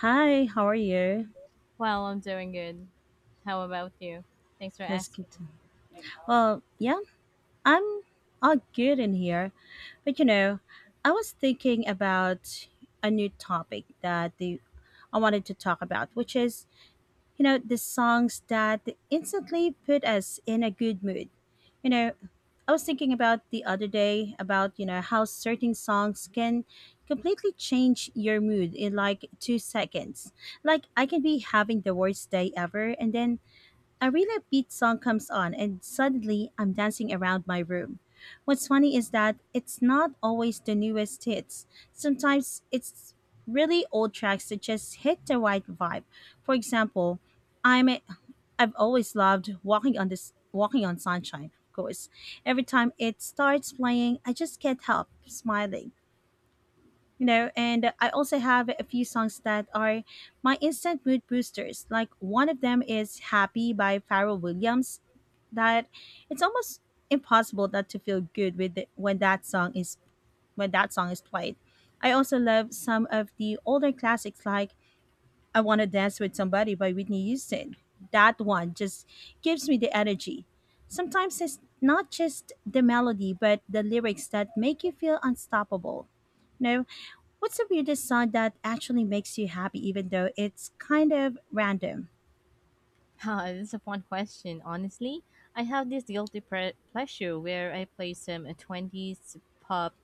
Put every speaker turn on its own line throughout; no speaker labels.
Hi, how are you?
Well, I'm doing good. How about you? Thanks for
Let's
asking.
get to. Well, yeah, I'm all good in here. But you know, I was thinking about a new topic I wanted to talk about, which is, the songs that instantly put us in a good mood. You know, I was thinking about the other day about, how certain songs can completely change your mood in like 2 seconds. Like, I can be having the worst day ever, and then a really upbeat song comes on, and suddenly I'm dancing around my room. What's funny is that it's not always the newest hits. Sometimes it's really old tracks that just hit the right vibe. For example, I'm a, I've always loved "Walking on this Walking on Sunshine." Of course, every time it starts playing, I just can't help smiling. And I also have a few songs that are my instant mood boosters, like one of them is Happy by Pharrell Williams. That It's almost impossible not to feel good with it when that song is played. I also love some of the older classics, like I Want to Dance with Somebody by Whitney Houston. That one just gives me the energy. Sometimes it's not just the melody but the lyrics that make you feel unstoppable. No, what's the weirdest sound that actually makes you happy, even though it's kind of random?
Ah, this is a fun question. Honestly, I have this guilty pleasure where I play some 20s pop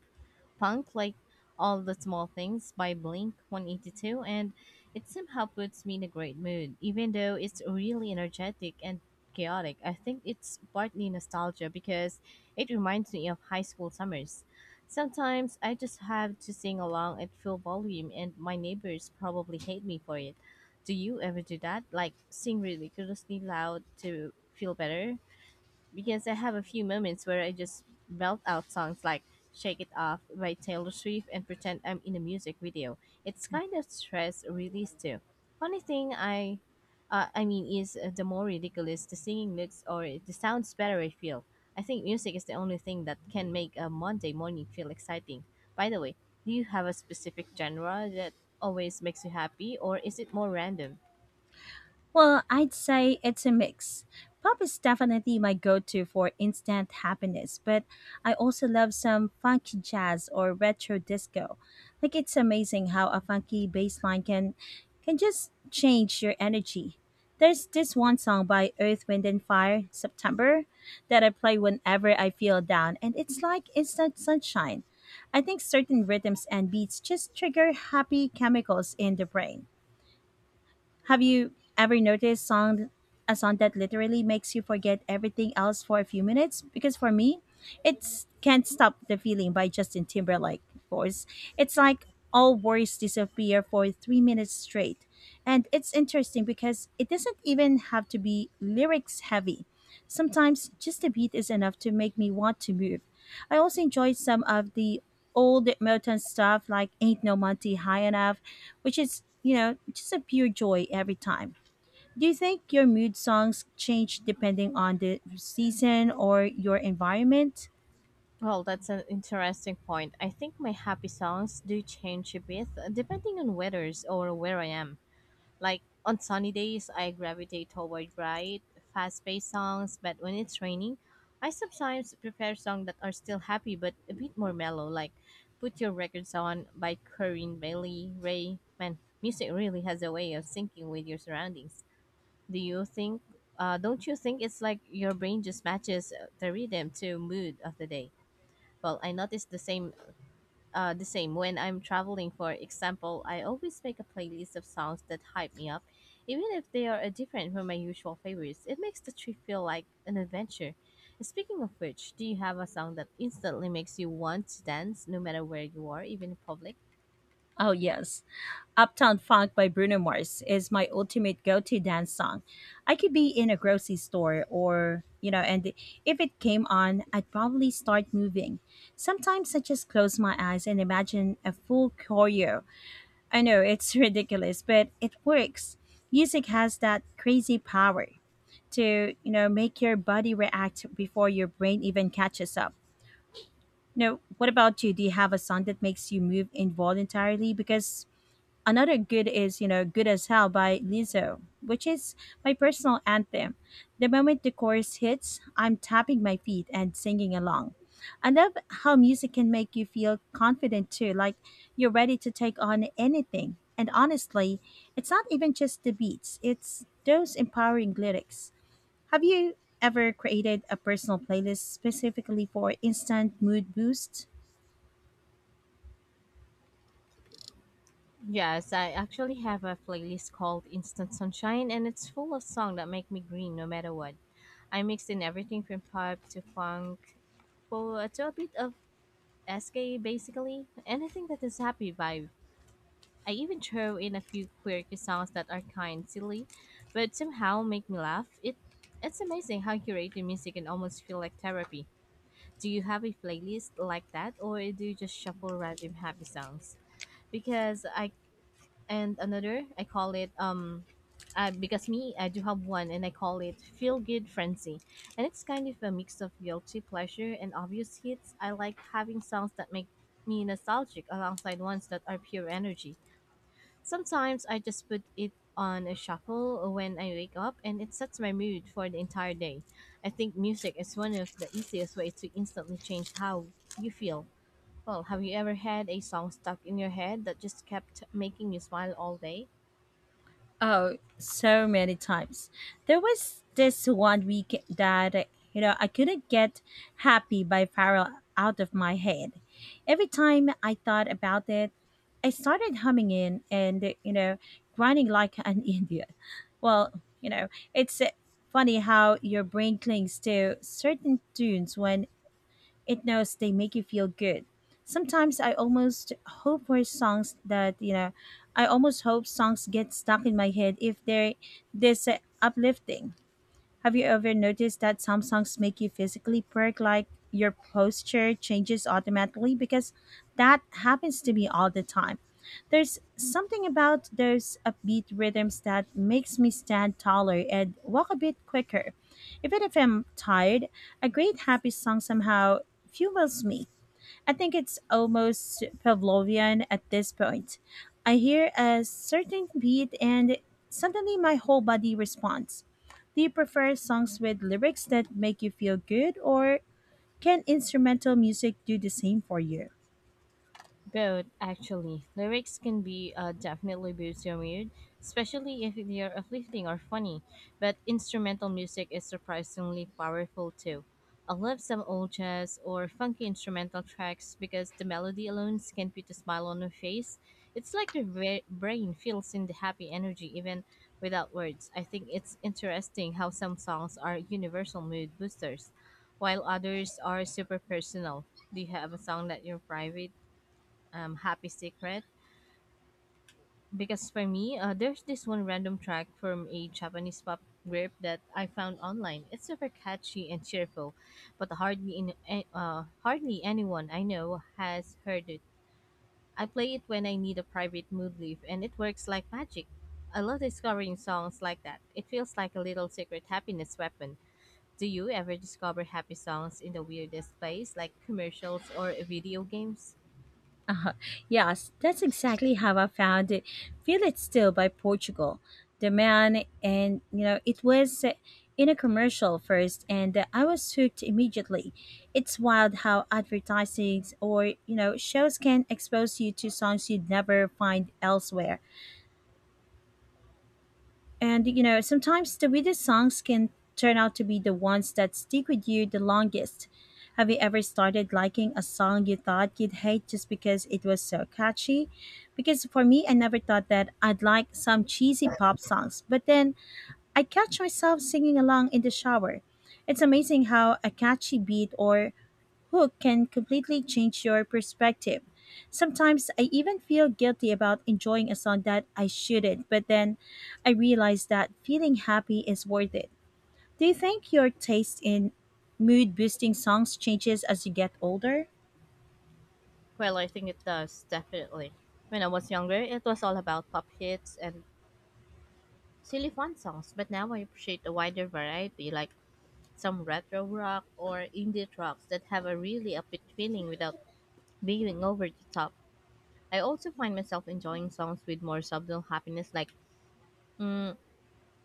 Punk, like All the Small Things by Blink 182, and it somehow puts me in a great mood. Even though it's really energetic and chaotic, I think it's partly nostalgia because it reminds me of high school summers. Sometimes I just have to sing along at full volume, and my neighbors probably hate me for it. Do you ever do that? Like sing ridiculously loud to feel better? Because I have a few moments where I just belt out songs like Shake It Off by Taylor Swift and pretend I'm in a music video. It's kind of stress release too. Funny thing I mean is the more ridiculous the singing looks or the sounds better I feel. I think music is the only thing that can make a Monday morning feel exciting. By the way, do you have a specific genre that always makes you happy or is it more random?
Well, I'd say it's a mix. Pop is definitely my go to for instant happiness, but I also love some funky jazz or retro disco. Like, it's amazing how a funky bass line can just change your energy. There's this one song by Earth, Wind and Fire, September, that I play whenever I feel down, and it's like instant sunshine. I think certain rhythms and beats just trigger happy chemicals in the brain. Have you ever noticed song a song that literally makes you forget everything else for a few minutes? Because for me, it's Can't Stop the Feeling by Justin Timberlake, of course. It's like all worries disappear for 3 minutes straight. And it's interesting because it doesn't even have to be lyrics heavy. Sometimes just a beat is enough to make me want to move. I also enjoy some of the old Motown stuff like Ain't No Monty High Enough, which is, just a pure joy every time. Do you think your mood songs change depending on the season or your environment?
Well, that's an interesting point. I think my happy songs do change a bit depending on weathers or where I am. Like on sunny days, I gravitate toward bright, fast-paced songs, but when it's raining, I sometimes prefer songs that are still happy but a bit more mellow, like Put Your Records On by Corinne Bailey Ray. Man, music really has a way of syncing with your surroundings. Do you think don't you think it's like your brain just matches the rhythm to mood of the day? Well, I notice the same when I'm traveling. For example, I always make a playlist of songs that hype me up, even if they are different from my usual favorites. It makes the trip feel like an adventure. Speaking of which, do you have a song that instantly makes you want to dance, no matter where you are, even in public?
Oh, yes. Uptown Funk by Bruno Mars is my ultimate go to dance song. I could be in a grocery store or, you know, and if it came on, I'd probably start moving. Sometimes I just close my eyes and imagine a full choreo. I know it's ridiculous, but it works. Music has that crazy power to, make your body react before your brain even catches up. You know, what about you? Do you have a song that makes you move involuntarily? Because another good is, Good as Hell by Lizzo, which is my personal anthem. The moment the chorus hits, I'm tapping my feet and singing along. I love how music can make you feel confident too, like you're ready to take on anything. And honestly, it's not even just the beats, it's those empowering lyrics. Have you ever created a personal playlist specifically for instant mood boosts?
Yes, I actually have a playlist called Instant Sunshine, and it's full of songs that make me green no matter what. I mix in everything from pop to funk to a bit of SK basically. Anything that is happy vibe. I even throw in a few quirky songs that are kind silly, but somehow make me laugh. It's amazing how curated music can almost feel like therapy. Do you have a playlist like that or do you just shuffle random happy songs? Because I and another I call it because me I do have one and I call it feel good frenzy, and it's kind of a mix of guilty pleasure and obvious hits. I like having songs that make me nostalgic alongside ones that are pure energy. Sometimes I just put it on a shuffle when I wake up and it sets my mood for the entire day. I think music is one of the easiest ways to instantly change how you feel. Well, have you ever had a song stuck in your head that just kept making you smile all day?
Oh, so many times. There was this one week that, you know, I couldn't get Happy by Pharrell out of my head. Every time I thought about it, I started humming in and, grinding like an idiot. Well, it's funny how your brain clings to certain tunes when it knows they make you feel good. Sometimes I almost hope for songs that you know, I almost hope songs get stuck in my head if they're this uplifting. Have you ever noticed that some songs make you physically perk, like your posture changes automatically? Because that happens to me all the time. There's something about those upbeat rhythms that makes me stand taller and walk a bit quicker. Even if I'm tired, a great happy song somehow fuels me. I think it's almost Pavlovian at this point. I hear a certain beat and suddenly my whole body responds. Do you prefer songs with lyrics that make you feel good, or can instrumental music do the same for you?
Both, actually. Lyrics can be definitely boost your mood, especially if they are uplifting or funny. But instrumental music is surprisingly powerful too. I love some old jazz or funky instrumental tracks because the melody alone can put a smile on your face. It's like your brain feels in the happy energy even without words. I think it's interesting how some songs are universal mood boosters, while others are super personal. Do you have a song that you're private? Happy secret, because for me there's this one random track from a Japanese pop group that I found online. It's super catchy and cheerful, but hardly anyone I know has heard it. I play it when I need a private mood lift and it works like magic. I love discovering songs like that. It feels like a little secret happiness weapon. Do you ever discover happy songs in the weirdest place, like commercials or video games?
Uh, yes, that's exactly how I found it. Feel It Still by Portugal. The Man, and you know, it was in a commercial first, and I was hooked immediately. It's wild how advertising or, shows can expose you to songs you'd never find elsewhere. And you know, sometimes the weirdest songs can turn out to be the ones that stick with you the longest. Have you ever started liking a song you thought you'd hate just because it was so catchy? Because for me, I never thought that I'd like some cheesy pop songs, but then I catch myself singing along in the shower. It's amazing how a catchy beat or hook can completely change your perspective. Sometimes I even feel guilty about enjoying a song that I shouldn't, but then I realize that feeling happy is worth it. Do you think your taste in mood boosting songs changes as you get older?
Well, I think it does, definitely. When I was younger, it was all about pop hits and silly fun songs, but now I appreciate a wider variety, like some retro rock or indie tracks that have a really upbeat feeling without being over the top. I also find myself enjoying songs with more subtle happiness, like mm,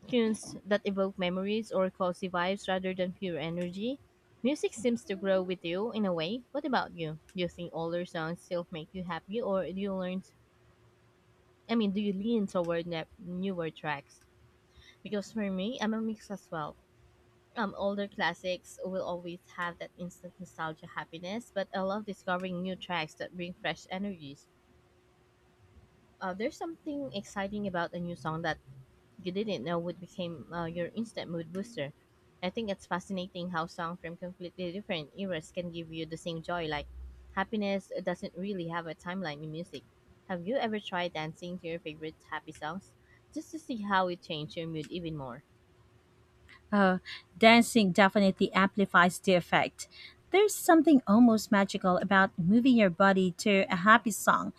tunes that evoke memories or cozy vibes rather than pure energy. Music seems to grow with you in a way. What about you? Do you think older songs still make you happy, or do you learn I mean, do you lean toward newer tracks? Because for me, I'm a mix as well. Older classics will always have that instant nostalgia happiness, but I love discovering new tracks that bring fresh energies. There's something exciting about a new song that you didn't know would became your instant mood booster. I think it's fascinating how songs from completely different eras can give you the same joy. Like, happiness doesn't really have a timeline in music. Have you ever tried dancing to your favorite happy songs just to see how it changed your mood even more?
Uh, Dancing definitely amplifies the effect. There's something almost magical about moving your body to a happy song.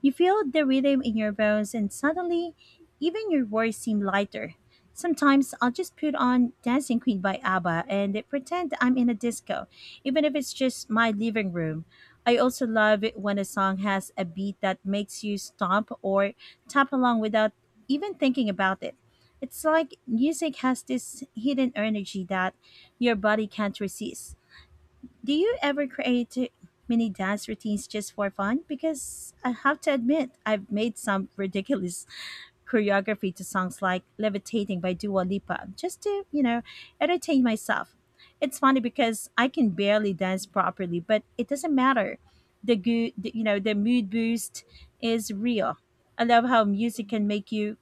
You feel the rhythm in your bones, and suddenly, even your worries seem lighter. Sometimes I'll just put on Dancing Queen by ABBA and pretend I'm in a disco, even if it's just my living room. I also love it when a song has a beat that makes you stomp or tap along without even thinking about it. It's like music has this hidden energy that your body can't resist. Do you ever create mini dance routines just for fun? Because I have to admit, I've made some ridiculous choreography to songs like Levitating by Dua Lipa just to, entertain myself. It's funny because I can barely dance properly, but it doesn't matter. The good, you know, the mood boost is real. I love how music can make you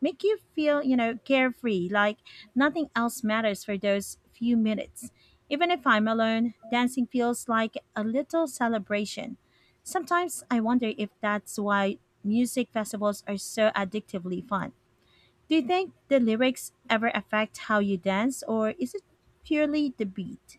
make you feel, carefree, like nothing else matters for those few minutes. Even if I'm alone, dancing feels like a little celebration. Sometimes I wonder if that's why music festivals are so addictively fun. Do you think the lyrics ever affect how you dance, or is it purely the beat?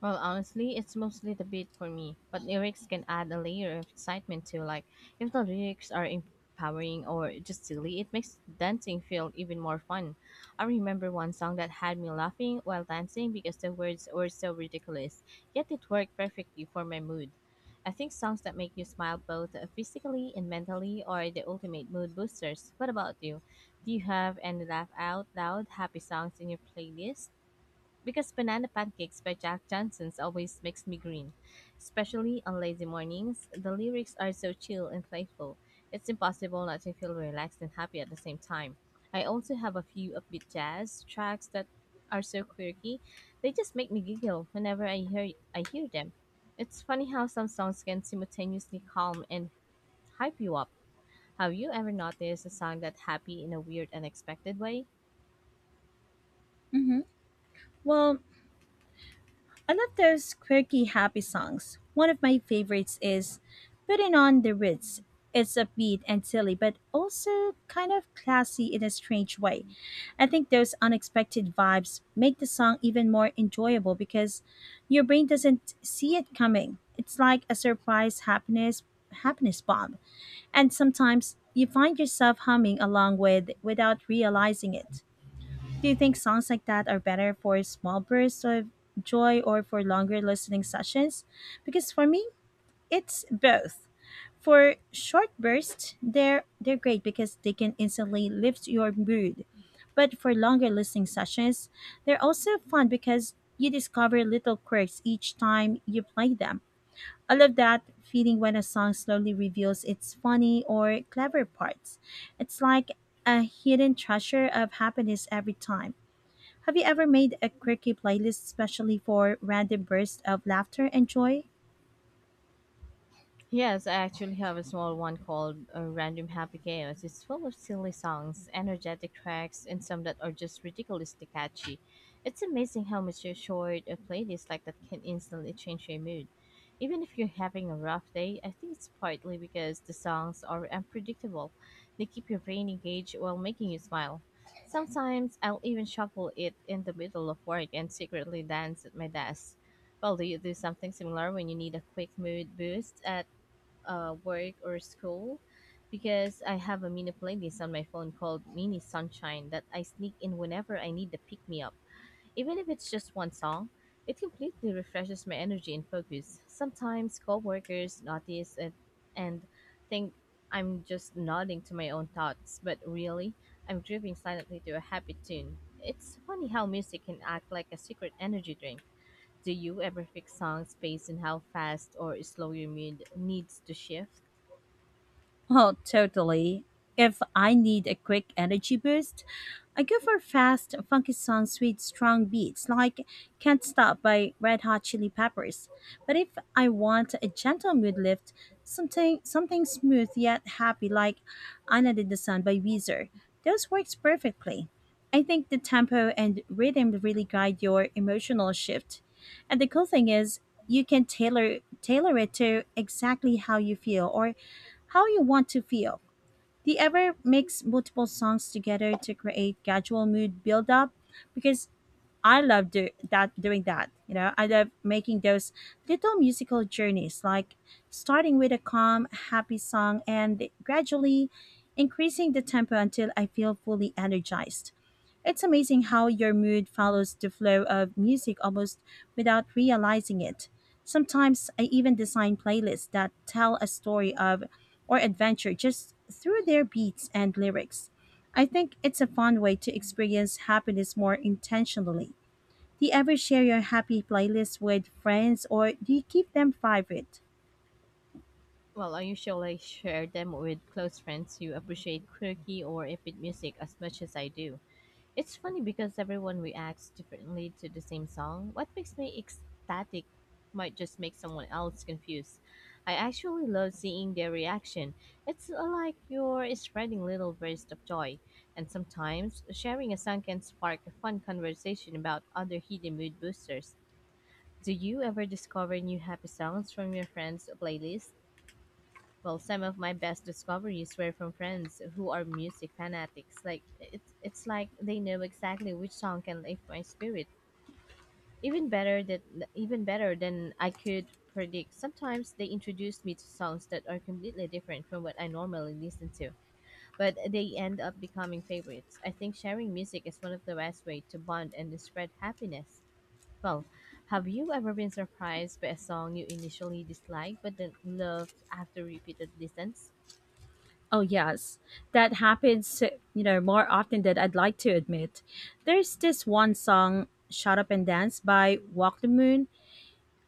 Well, honestly, it's mostly the beat for me, but lyrics can add a layer of excitement too. Like, if the lyrics are empowering or just silly, it makes dancing feel even more fun. I remember one song that had me laughing while dancing because the words were so ridiculous, yet it worked perfectly for my mood. I think songs that make you smile both physically and mentally are the ultimate mood boosters. What about you? Do you have any laugh out loud happy songs in your playlist? Because Banana Pancakes by Jack Johnson's always makes me green, especially on lazy mornings. The lyrics are so chill and playful. It's impossible not to feel relaxed and happy at the same time. I also have a few upbeat jazz tracks that are so quirky. They just make me giggle whenever I hear them. It's funny how some songs can simultaneously calm and hype you up. Have you ever noticed a song that happy in a weird unexpected way?
Hmm. Well, I love those quirky, happy songs. One of my favorites is Putting on the Ritz. It's upbeat and silly, but also kind of classy in a strange way. I think those unexpected vibes make the song even more enjoyable because your brain doesn't see it coming. It's like a surprise happiness bomb. And sometimes you find yourself humming along without realizing it. Do you think songs like that are better for small bursts of joy or for longer listening sessions? Because for me, it's both. For short bursts, they're great because they can instantly lift your mood. But for longer listening sessions, they're also fun because you discover little quirks each time you play them. I love that feeling when a song slowly reveals its funny or clever parts. It's like a hidden treasure of happiness every time. Have you ever made a quirky playlist especially for random bursts of laughter and joy?
Yes, I actually have a small one called Random Happy Chaos. It's full of silly songs, energetic tracks, and some that are just ridiculously catchy. It's amazing how much a short a playlist like that can instantly change your mood, even if you're having a rough day. I think it's partly because the songs are unpredictable. They keep your brain engaged while making you smile. Sometimes I'll even shuffle it in the middle of work and secretly dance at my desk. Well, do you do something similar when you need a quick mood boost at work or school? Because I have a mini playlist on my phone called Mini Sunshine that I sneak in whenever I need to pick me up. Even if it's just one song, it completely refreshes my energy and focus. Sometimes coworkers notice it and think I'm just nodding to my own thoughts, but really, I'm dripping silently to a happy tune. It's funny how music can act like a secret energy drink. Do you ever fix songs based on how fast or slow your mood needs to shift?
Well, totally. If I need a quick energy boost, I go for fast, funky songs with strong beats like Can't Stop by Red Hot Chili Peppers. But if I want a gentle mood lift, something smooth yet happy like Anna Did the Sun by Weezer. Those works perfectly. I think the tempo and rhythm really guide your emotional shift. And the cool thing is you can tailor it to exactly how you feel or how you want to feel. The ever mix multiple songs together to create gradual mood build up because I love do- that doing that. You know, I love making those little musical journeys, like starting with a calm, happy song and gradually increasing the tempo until I feel fully energized. It's amazing how your mood follows the flow of music almost without realizing it. Sometimes I even design playlists that tell a story of or adventure just through their beats and lyrics. I think it's a fun way to experience happiness more intentionally. Do you ever share your happy playlist with friends, or do you keep them private?
Well, I usually share them with close friends who appreciate quirky or epic music as much as I do. It's funny because everyone reacts differently to the same song. What makes me ecstatic might just make someone else confused. I actually love seeing their reaction. It's like you're spreading little bursts of joy. And sometimes sharing a song can spark a fun conversation about other hidden mood boosters. Do you ever discover new happy songs from your friends' playlist? Well, some of my best discoveries were from friends who are music fanatics. Like it's like they know exactly which song can lift my spirit. Even better that Even better than I could predict. Sometimes they introduce me to songs that are completely different from what I normally listen to, but they end up becoming favorites. I think sharing music is one of the best way to bond and to spread happiness. Well, have you ever been surprised by a song you initially disliked but then loved after repeated listens?
Oh, yes. That happens, you know, more often than I'd like to admit. There's this one song, Shut Up and Dance by Walk the Moon.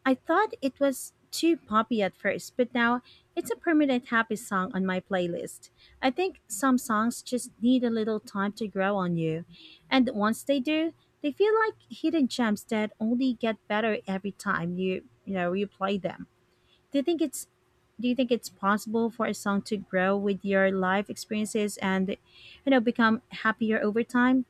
I thought it was too poppy at first, but now it's a permanent happy song on my playlist. I think some songs just need a little time to grow on you. And once they do, they feel like hidden gems that only get better every time you play them. Do you think it's do you think it's possible for a song to grow with your life experiences and become happier over time?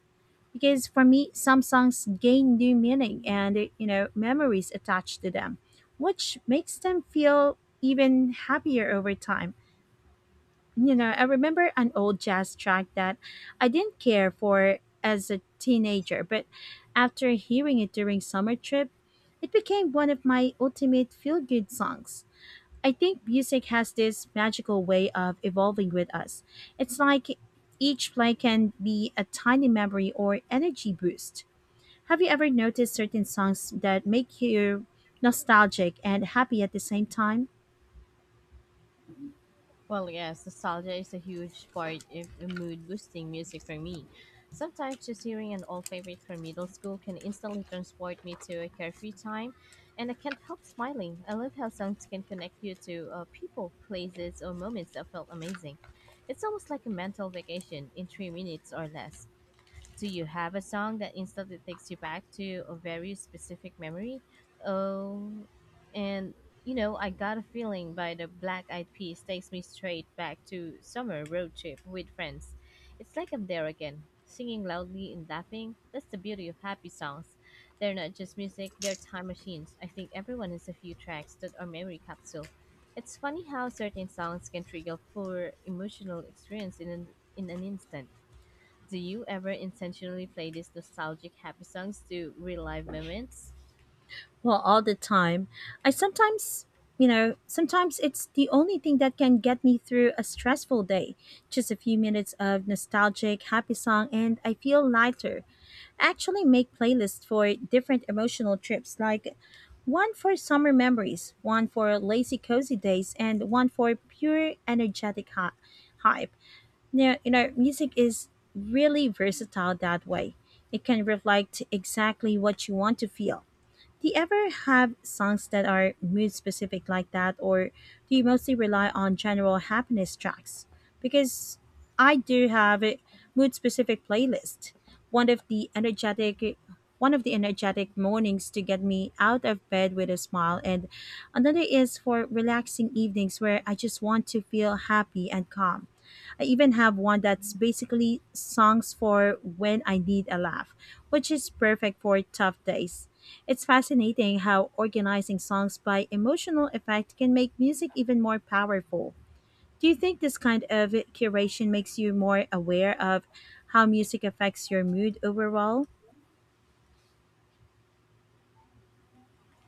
Because for me, some songs gain new meaning and memories attached to them, which makes them feel even happier over time. I remember an old jazz track that I didn't care for as a teenager, but after hearing it during summer trip, it became one of my ultimate feel good songs. I think music has this magical way of evolving with us. It's like each play can be a tiny memory or energy boost. Have you ever noticed certain songs that make you nostalgic and happy at the same time?
Well, yes, nostalgia is a huge part of mood boosting music for me. Sometimes just hearing an old favorite from middle school can instantly transport me to a carefree time, and I can't help smiling. I love how songs can connect you to people, places, or moments that felt amazing. It's almost like a mental vacation in 3 minutes or less. Do you have a song that instantly takes you back to a very specific memory? Oh, and I Got a Feeling by the Black Eyed Peas takes me straight back to summer road trip with friends. It's like I'm there again, singing loudly and laughing. That's the beauty of happy songs. They're not just music, they're time machines. I think everyone has a few tracks that are memory capsule. It's funny how certain songs can trigger poor emotional experience in an instant. Do you ever intentionally play these nostalgic happy songs to relive moments?
Well, all the time. I sometimes it's the only thing that can get me through a stressful day. Just a few minutes of nostalgic, happy song, and I feel lighter. Actually make playlists for different emotional trips, like one for summer memories, one for lazy cozy days, and one for pure energetic hype. Now, music is really versatile that way. It can reflect exactly what you want to feel. Do you ever have songs that are mood specific like that, or do you mostly rely on general happiness tracks? Because I do have a mood specific playlist. One of the energetic one of the energetic mornings to get me out of bed with a smile, and another is for relaxing evenings where I just want to feel happy and calm. I even have one that's basically songs for when I need a laugh, which is perfect for tough days. It's fascinating how organizing songs by emotional effect can make music even more powerful. Do you think this kind of curation makes you more aware of how music affects your mood overall?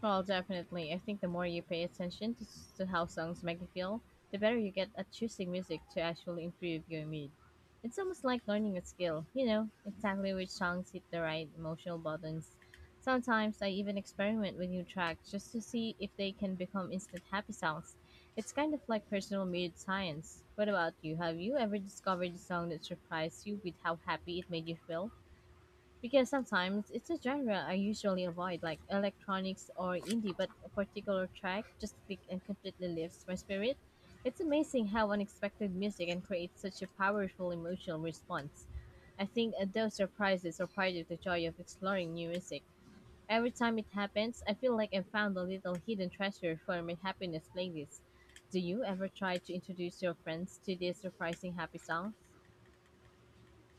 Well, definitely. I think the more you pay attention to how songs make you feel, the better you get at choosing music to actually improve your mood. It's almost like learning a skill, you know, exactly which songs hit the right emotional buttons. Sometimes I even experiment with new tracks just to see if they can become instant happy songs. It's kind of like personal mood science. What about you? Have you ever discovered a song that surprised you with how happy it made you feel? Because sometimes it's a genre I usually avoid, like electronics or indie, but a particular track just click and completely lifts my spirit. It's amazing how unexpected music can create such a powerful emotional response. I think those surprises are part of the joy of exploring new music. Every time it happens, I feel like I found a little hidden treasure for my happiness playlist. Do you ever try to introduce your friends to these surprising happy songs?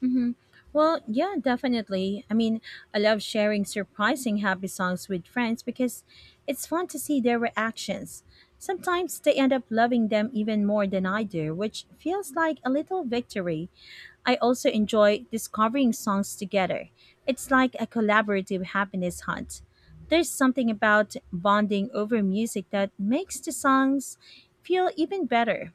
hmm Well, yeah, definitely. I mean, I love sharing surprising happy songs with friends because it's fun to see their reactions. Sometimes they end up loving them even more than I do, which feels like a little victory. I also enjoy discovering songs together. It's like a collaborative happiness hunt. There's something about bonding over music that makes the songs feel even better.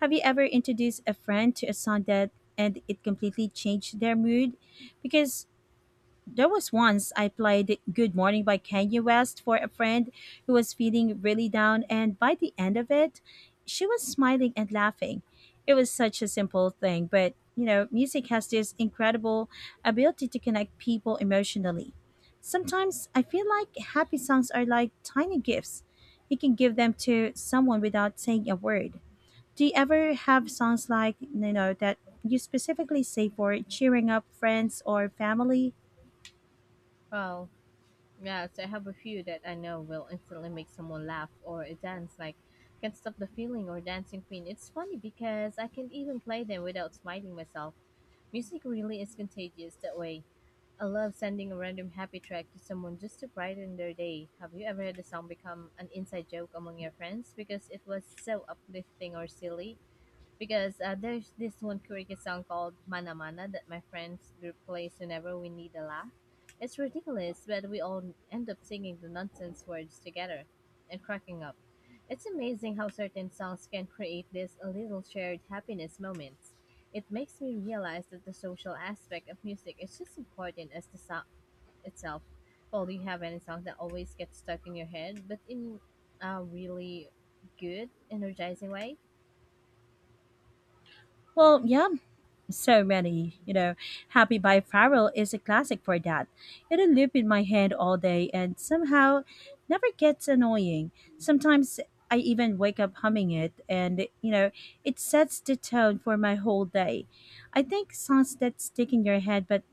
Have you ever introduced a friend to a song that and it completely changed their mood? Because there was once I played Good Morning by Kanye West for a friend who was feeling really down, and by the end of it, she was smiling and laughing. It was such a simple thing, but music has this incredible ability to connect people emotionally. Sometimes I feel like happy songs are like tiny gifts. You can give them to someone without saying a word. Do you ever have songs like, that you specifically say for cheering up friends or family?
Well, yes, I have a few that I know will instantly make someone laugh or dance, like Can't Stop the Feeling or Dancing Queen. It's funny because I can even play them without smiting myself. Music really is contagious that way. I love sending a random happy track to someone just to brighten their day. Have you ever had a song become an inside joke among your friends because it was so uplifting or silly? Because there's this one karaoke song called Mana Mana that my friends group plays whenever we need a laugh. It's ridiculous, but we all end up singing the nonsense words together and cracking up. It's amazing how certain songs can create these little shared happiness moments. It makes me realize that the social aspect of music is just important as the song itself. Well, do you have any song that always gets stuck in your head, but in a really good, energizing way?
Well, yeah, so many. Happy by Pharrell is a classic for that. It'll loop in my head all day and somehow never gets annoying. Sometimes I even wake up humming it, and it sets the tone for my whole day. I think songs that stick in your head, but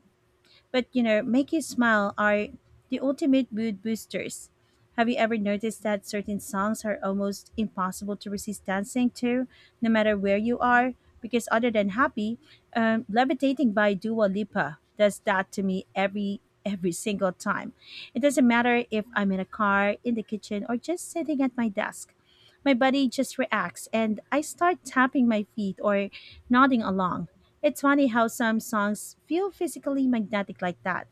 But you know, make you smile, are the ultimate mood boosters. Have you ever noticed that certain songs are almost impossible to resist dancing to, no matter where you are? Because other than Happy, "Levitating" by Dua Lipa does that to me every single time. It doesn't matter if I'm in a car, in the kitchen, or just sitting at my desk. My body just reacts, and I start tapping my feet or nodding along. It's funny how some songs feel physically magnetic like that.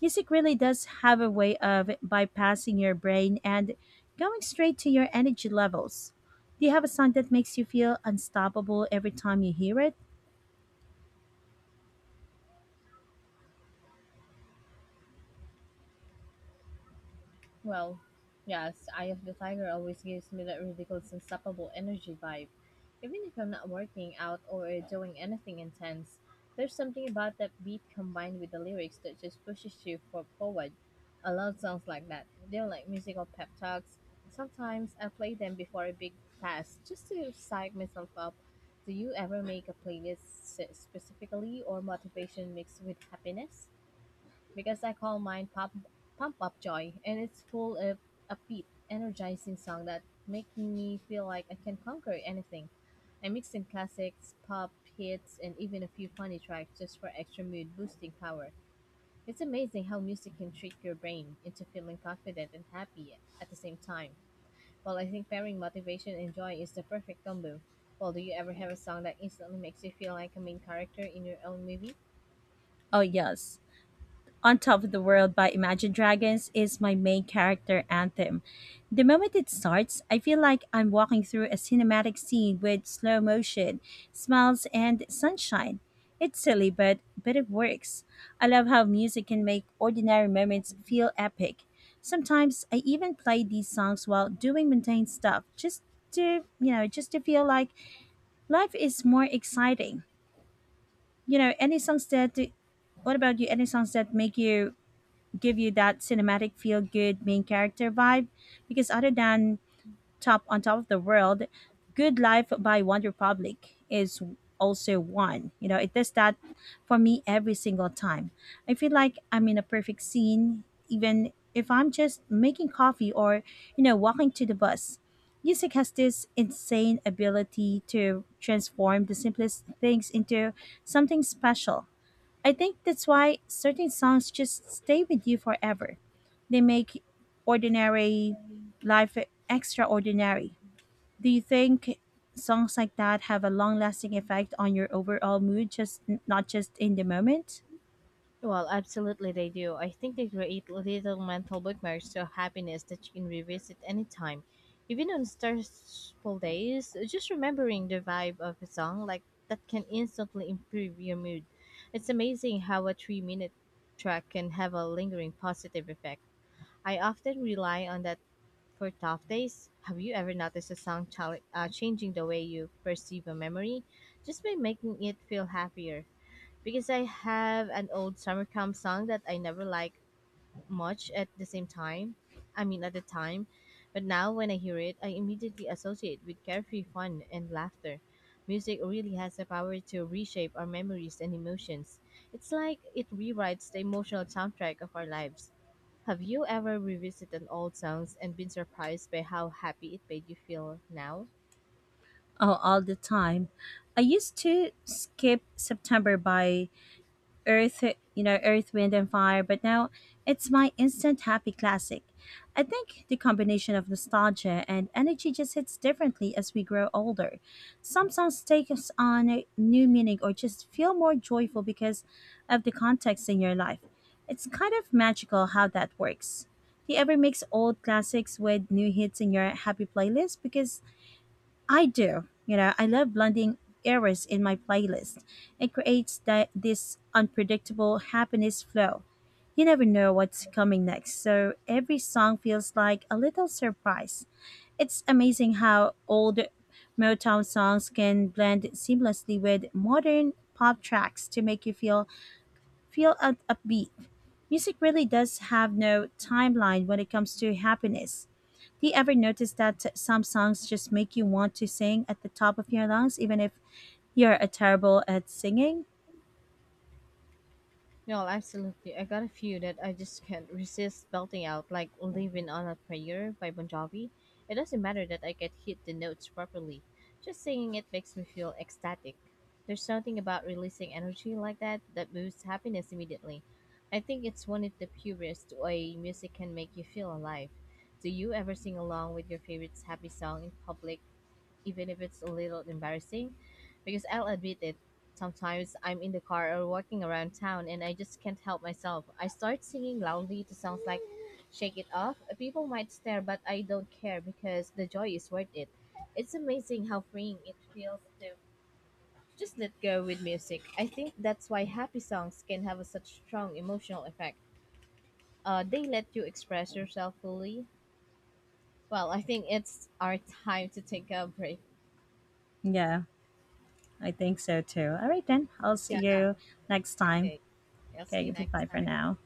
Music really does have a way of bypassing your brain and going straight to your energy levels. Do you have a song that makes you feel unstoppable every time you hear it?
Well, yes, Eye of the Tiger always gives me that ridiculous, unstoppable energy vibe. Even if I'm not working out or doing anything intense, there's something about that beat combined with the lyrics that just pushes you for forward. I love songs like that. They're like musical pep talks. Sometimes I play them before a big task just to psych myself up. Do you ever make a specifically or motivation mixed with happiness? Because I call mine Pump Up Joy, and it's full of upbeat, energizing song that make me feel like I can conquer anything. I mix in classics, pop, hits, and even a few funny tracks just for extra mood boosting power. It's amazing how music can trick your brain into feeling confident and happy at the same time. Well, I think pairing motivation and joy is the perfect combo. Well, do you ever have a song that instantly makes you feel like a main character in your own movie?
Oh, yes. On Top of the World by Imagine Dragons is my main character anthem. The moment it starts, I feel like I'm walking through a cinematic scene with slow motion, smiles, and sunshine. It's silly, but it works. I love how music can make ordinary moments feel epic. Sometimes I even play these songs while doing mundane stuff just to feel like life is more exciting. You know, any songs that What about you? Any songs that make you give you that cinematic feel good main character vibe, because other than top on top of the world, Good Life by One Republic is also one. It does that for me every single time. I feel like I'm in a perfect scene, even if I'm just making coffee or walking to the bus. Music has this insane ability to transform the simplest things into something special. I think that's why certain songs just stay with you forever. They make ordinary life extraordinary. Do you think songs like that have a long lasting effect on your overall mood, just not just in the moment?
Well, absolutely they do. I think they create little mental bookmarks of happiness that you can revisit anytime. Even on stressful days, just remembering the vibe of a song like that can instantly improve your mood. It's amazing how a 3 minute track can have a lingering positive effect. I often rely on that for tough days. Have you ever noticed a changing the way you perceive a memory just by making it feel happier? Because I have an old summer camp song that I never liked much at the time. But now when I hear it, I immediately associate with carefree fun and laughter. Music really has the power to reshape our memories and emotions. It's like it rewrites the emotional soundtrack of our lives. Have you ever revisited an old songs and been surprised by how happy it made you feel now?
Oh, all the time. I used to skip September by Earth, Earth, Wind and Fire, but now it's my instant happy classic. I think the combination of nostalgia and energy just hits differently as we grow older. Some songs take us on a new meaning or just feel more joyful because of the context in your life. It's kind of magical how that works. Do you ever mix old classics with new hits in your happy playlist? Because I do. I love blending eras in my playlist. It creates that this unpredictable happiness flow. You never know what's coming next, so every song feels like a little surprise. It's amazing how old Motown songs can blend seamlessly with modern pop tracks to make you feel upbeat. Music really does have no timeline when it comes to happiness. Do you ever notice that some songs just make you want to sing at the top of your lungs, even if you're a terrible at singing?
No, absolutely. I got a few that I just can't resist belting out, like Living on a Prayer by Bon Jovi. It doesn't matter that I can hit the notes properly. Just singing it makes me feel ecstatic. There's something about releasing energy like that that boosts happiness immediately. I think it's one of the purest way music can make you feel alive. Do you ever sing along with your favorite happy song in public even if it's a little embarrassing. Because I'll admit it, sometimes I'm in the car or walking around town and I just can't help myself. I start singing loudly to sounds like Shake It Off. People might stare, but I don't care because the joy is worth it. It's amazing how freeing it feels to just let go with music. I think that's why happy songs can have a such strong emotional effect. They let you express yourself fully. Well, I think it's our time to take a break.
Yeah, I think so too. All right, then. I'll see
Yeah.
you next time.
Okay. I'll see
Okay,
you next
goodbye for
time.
now.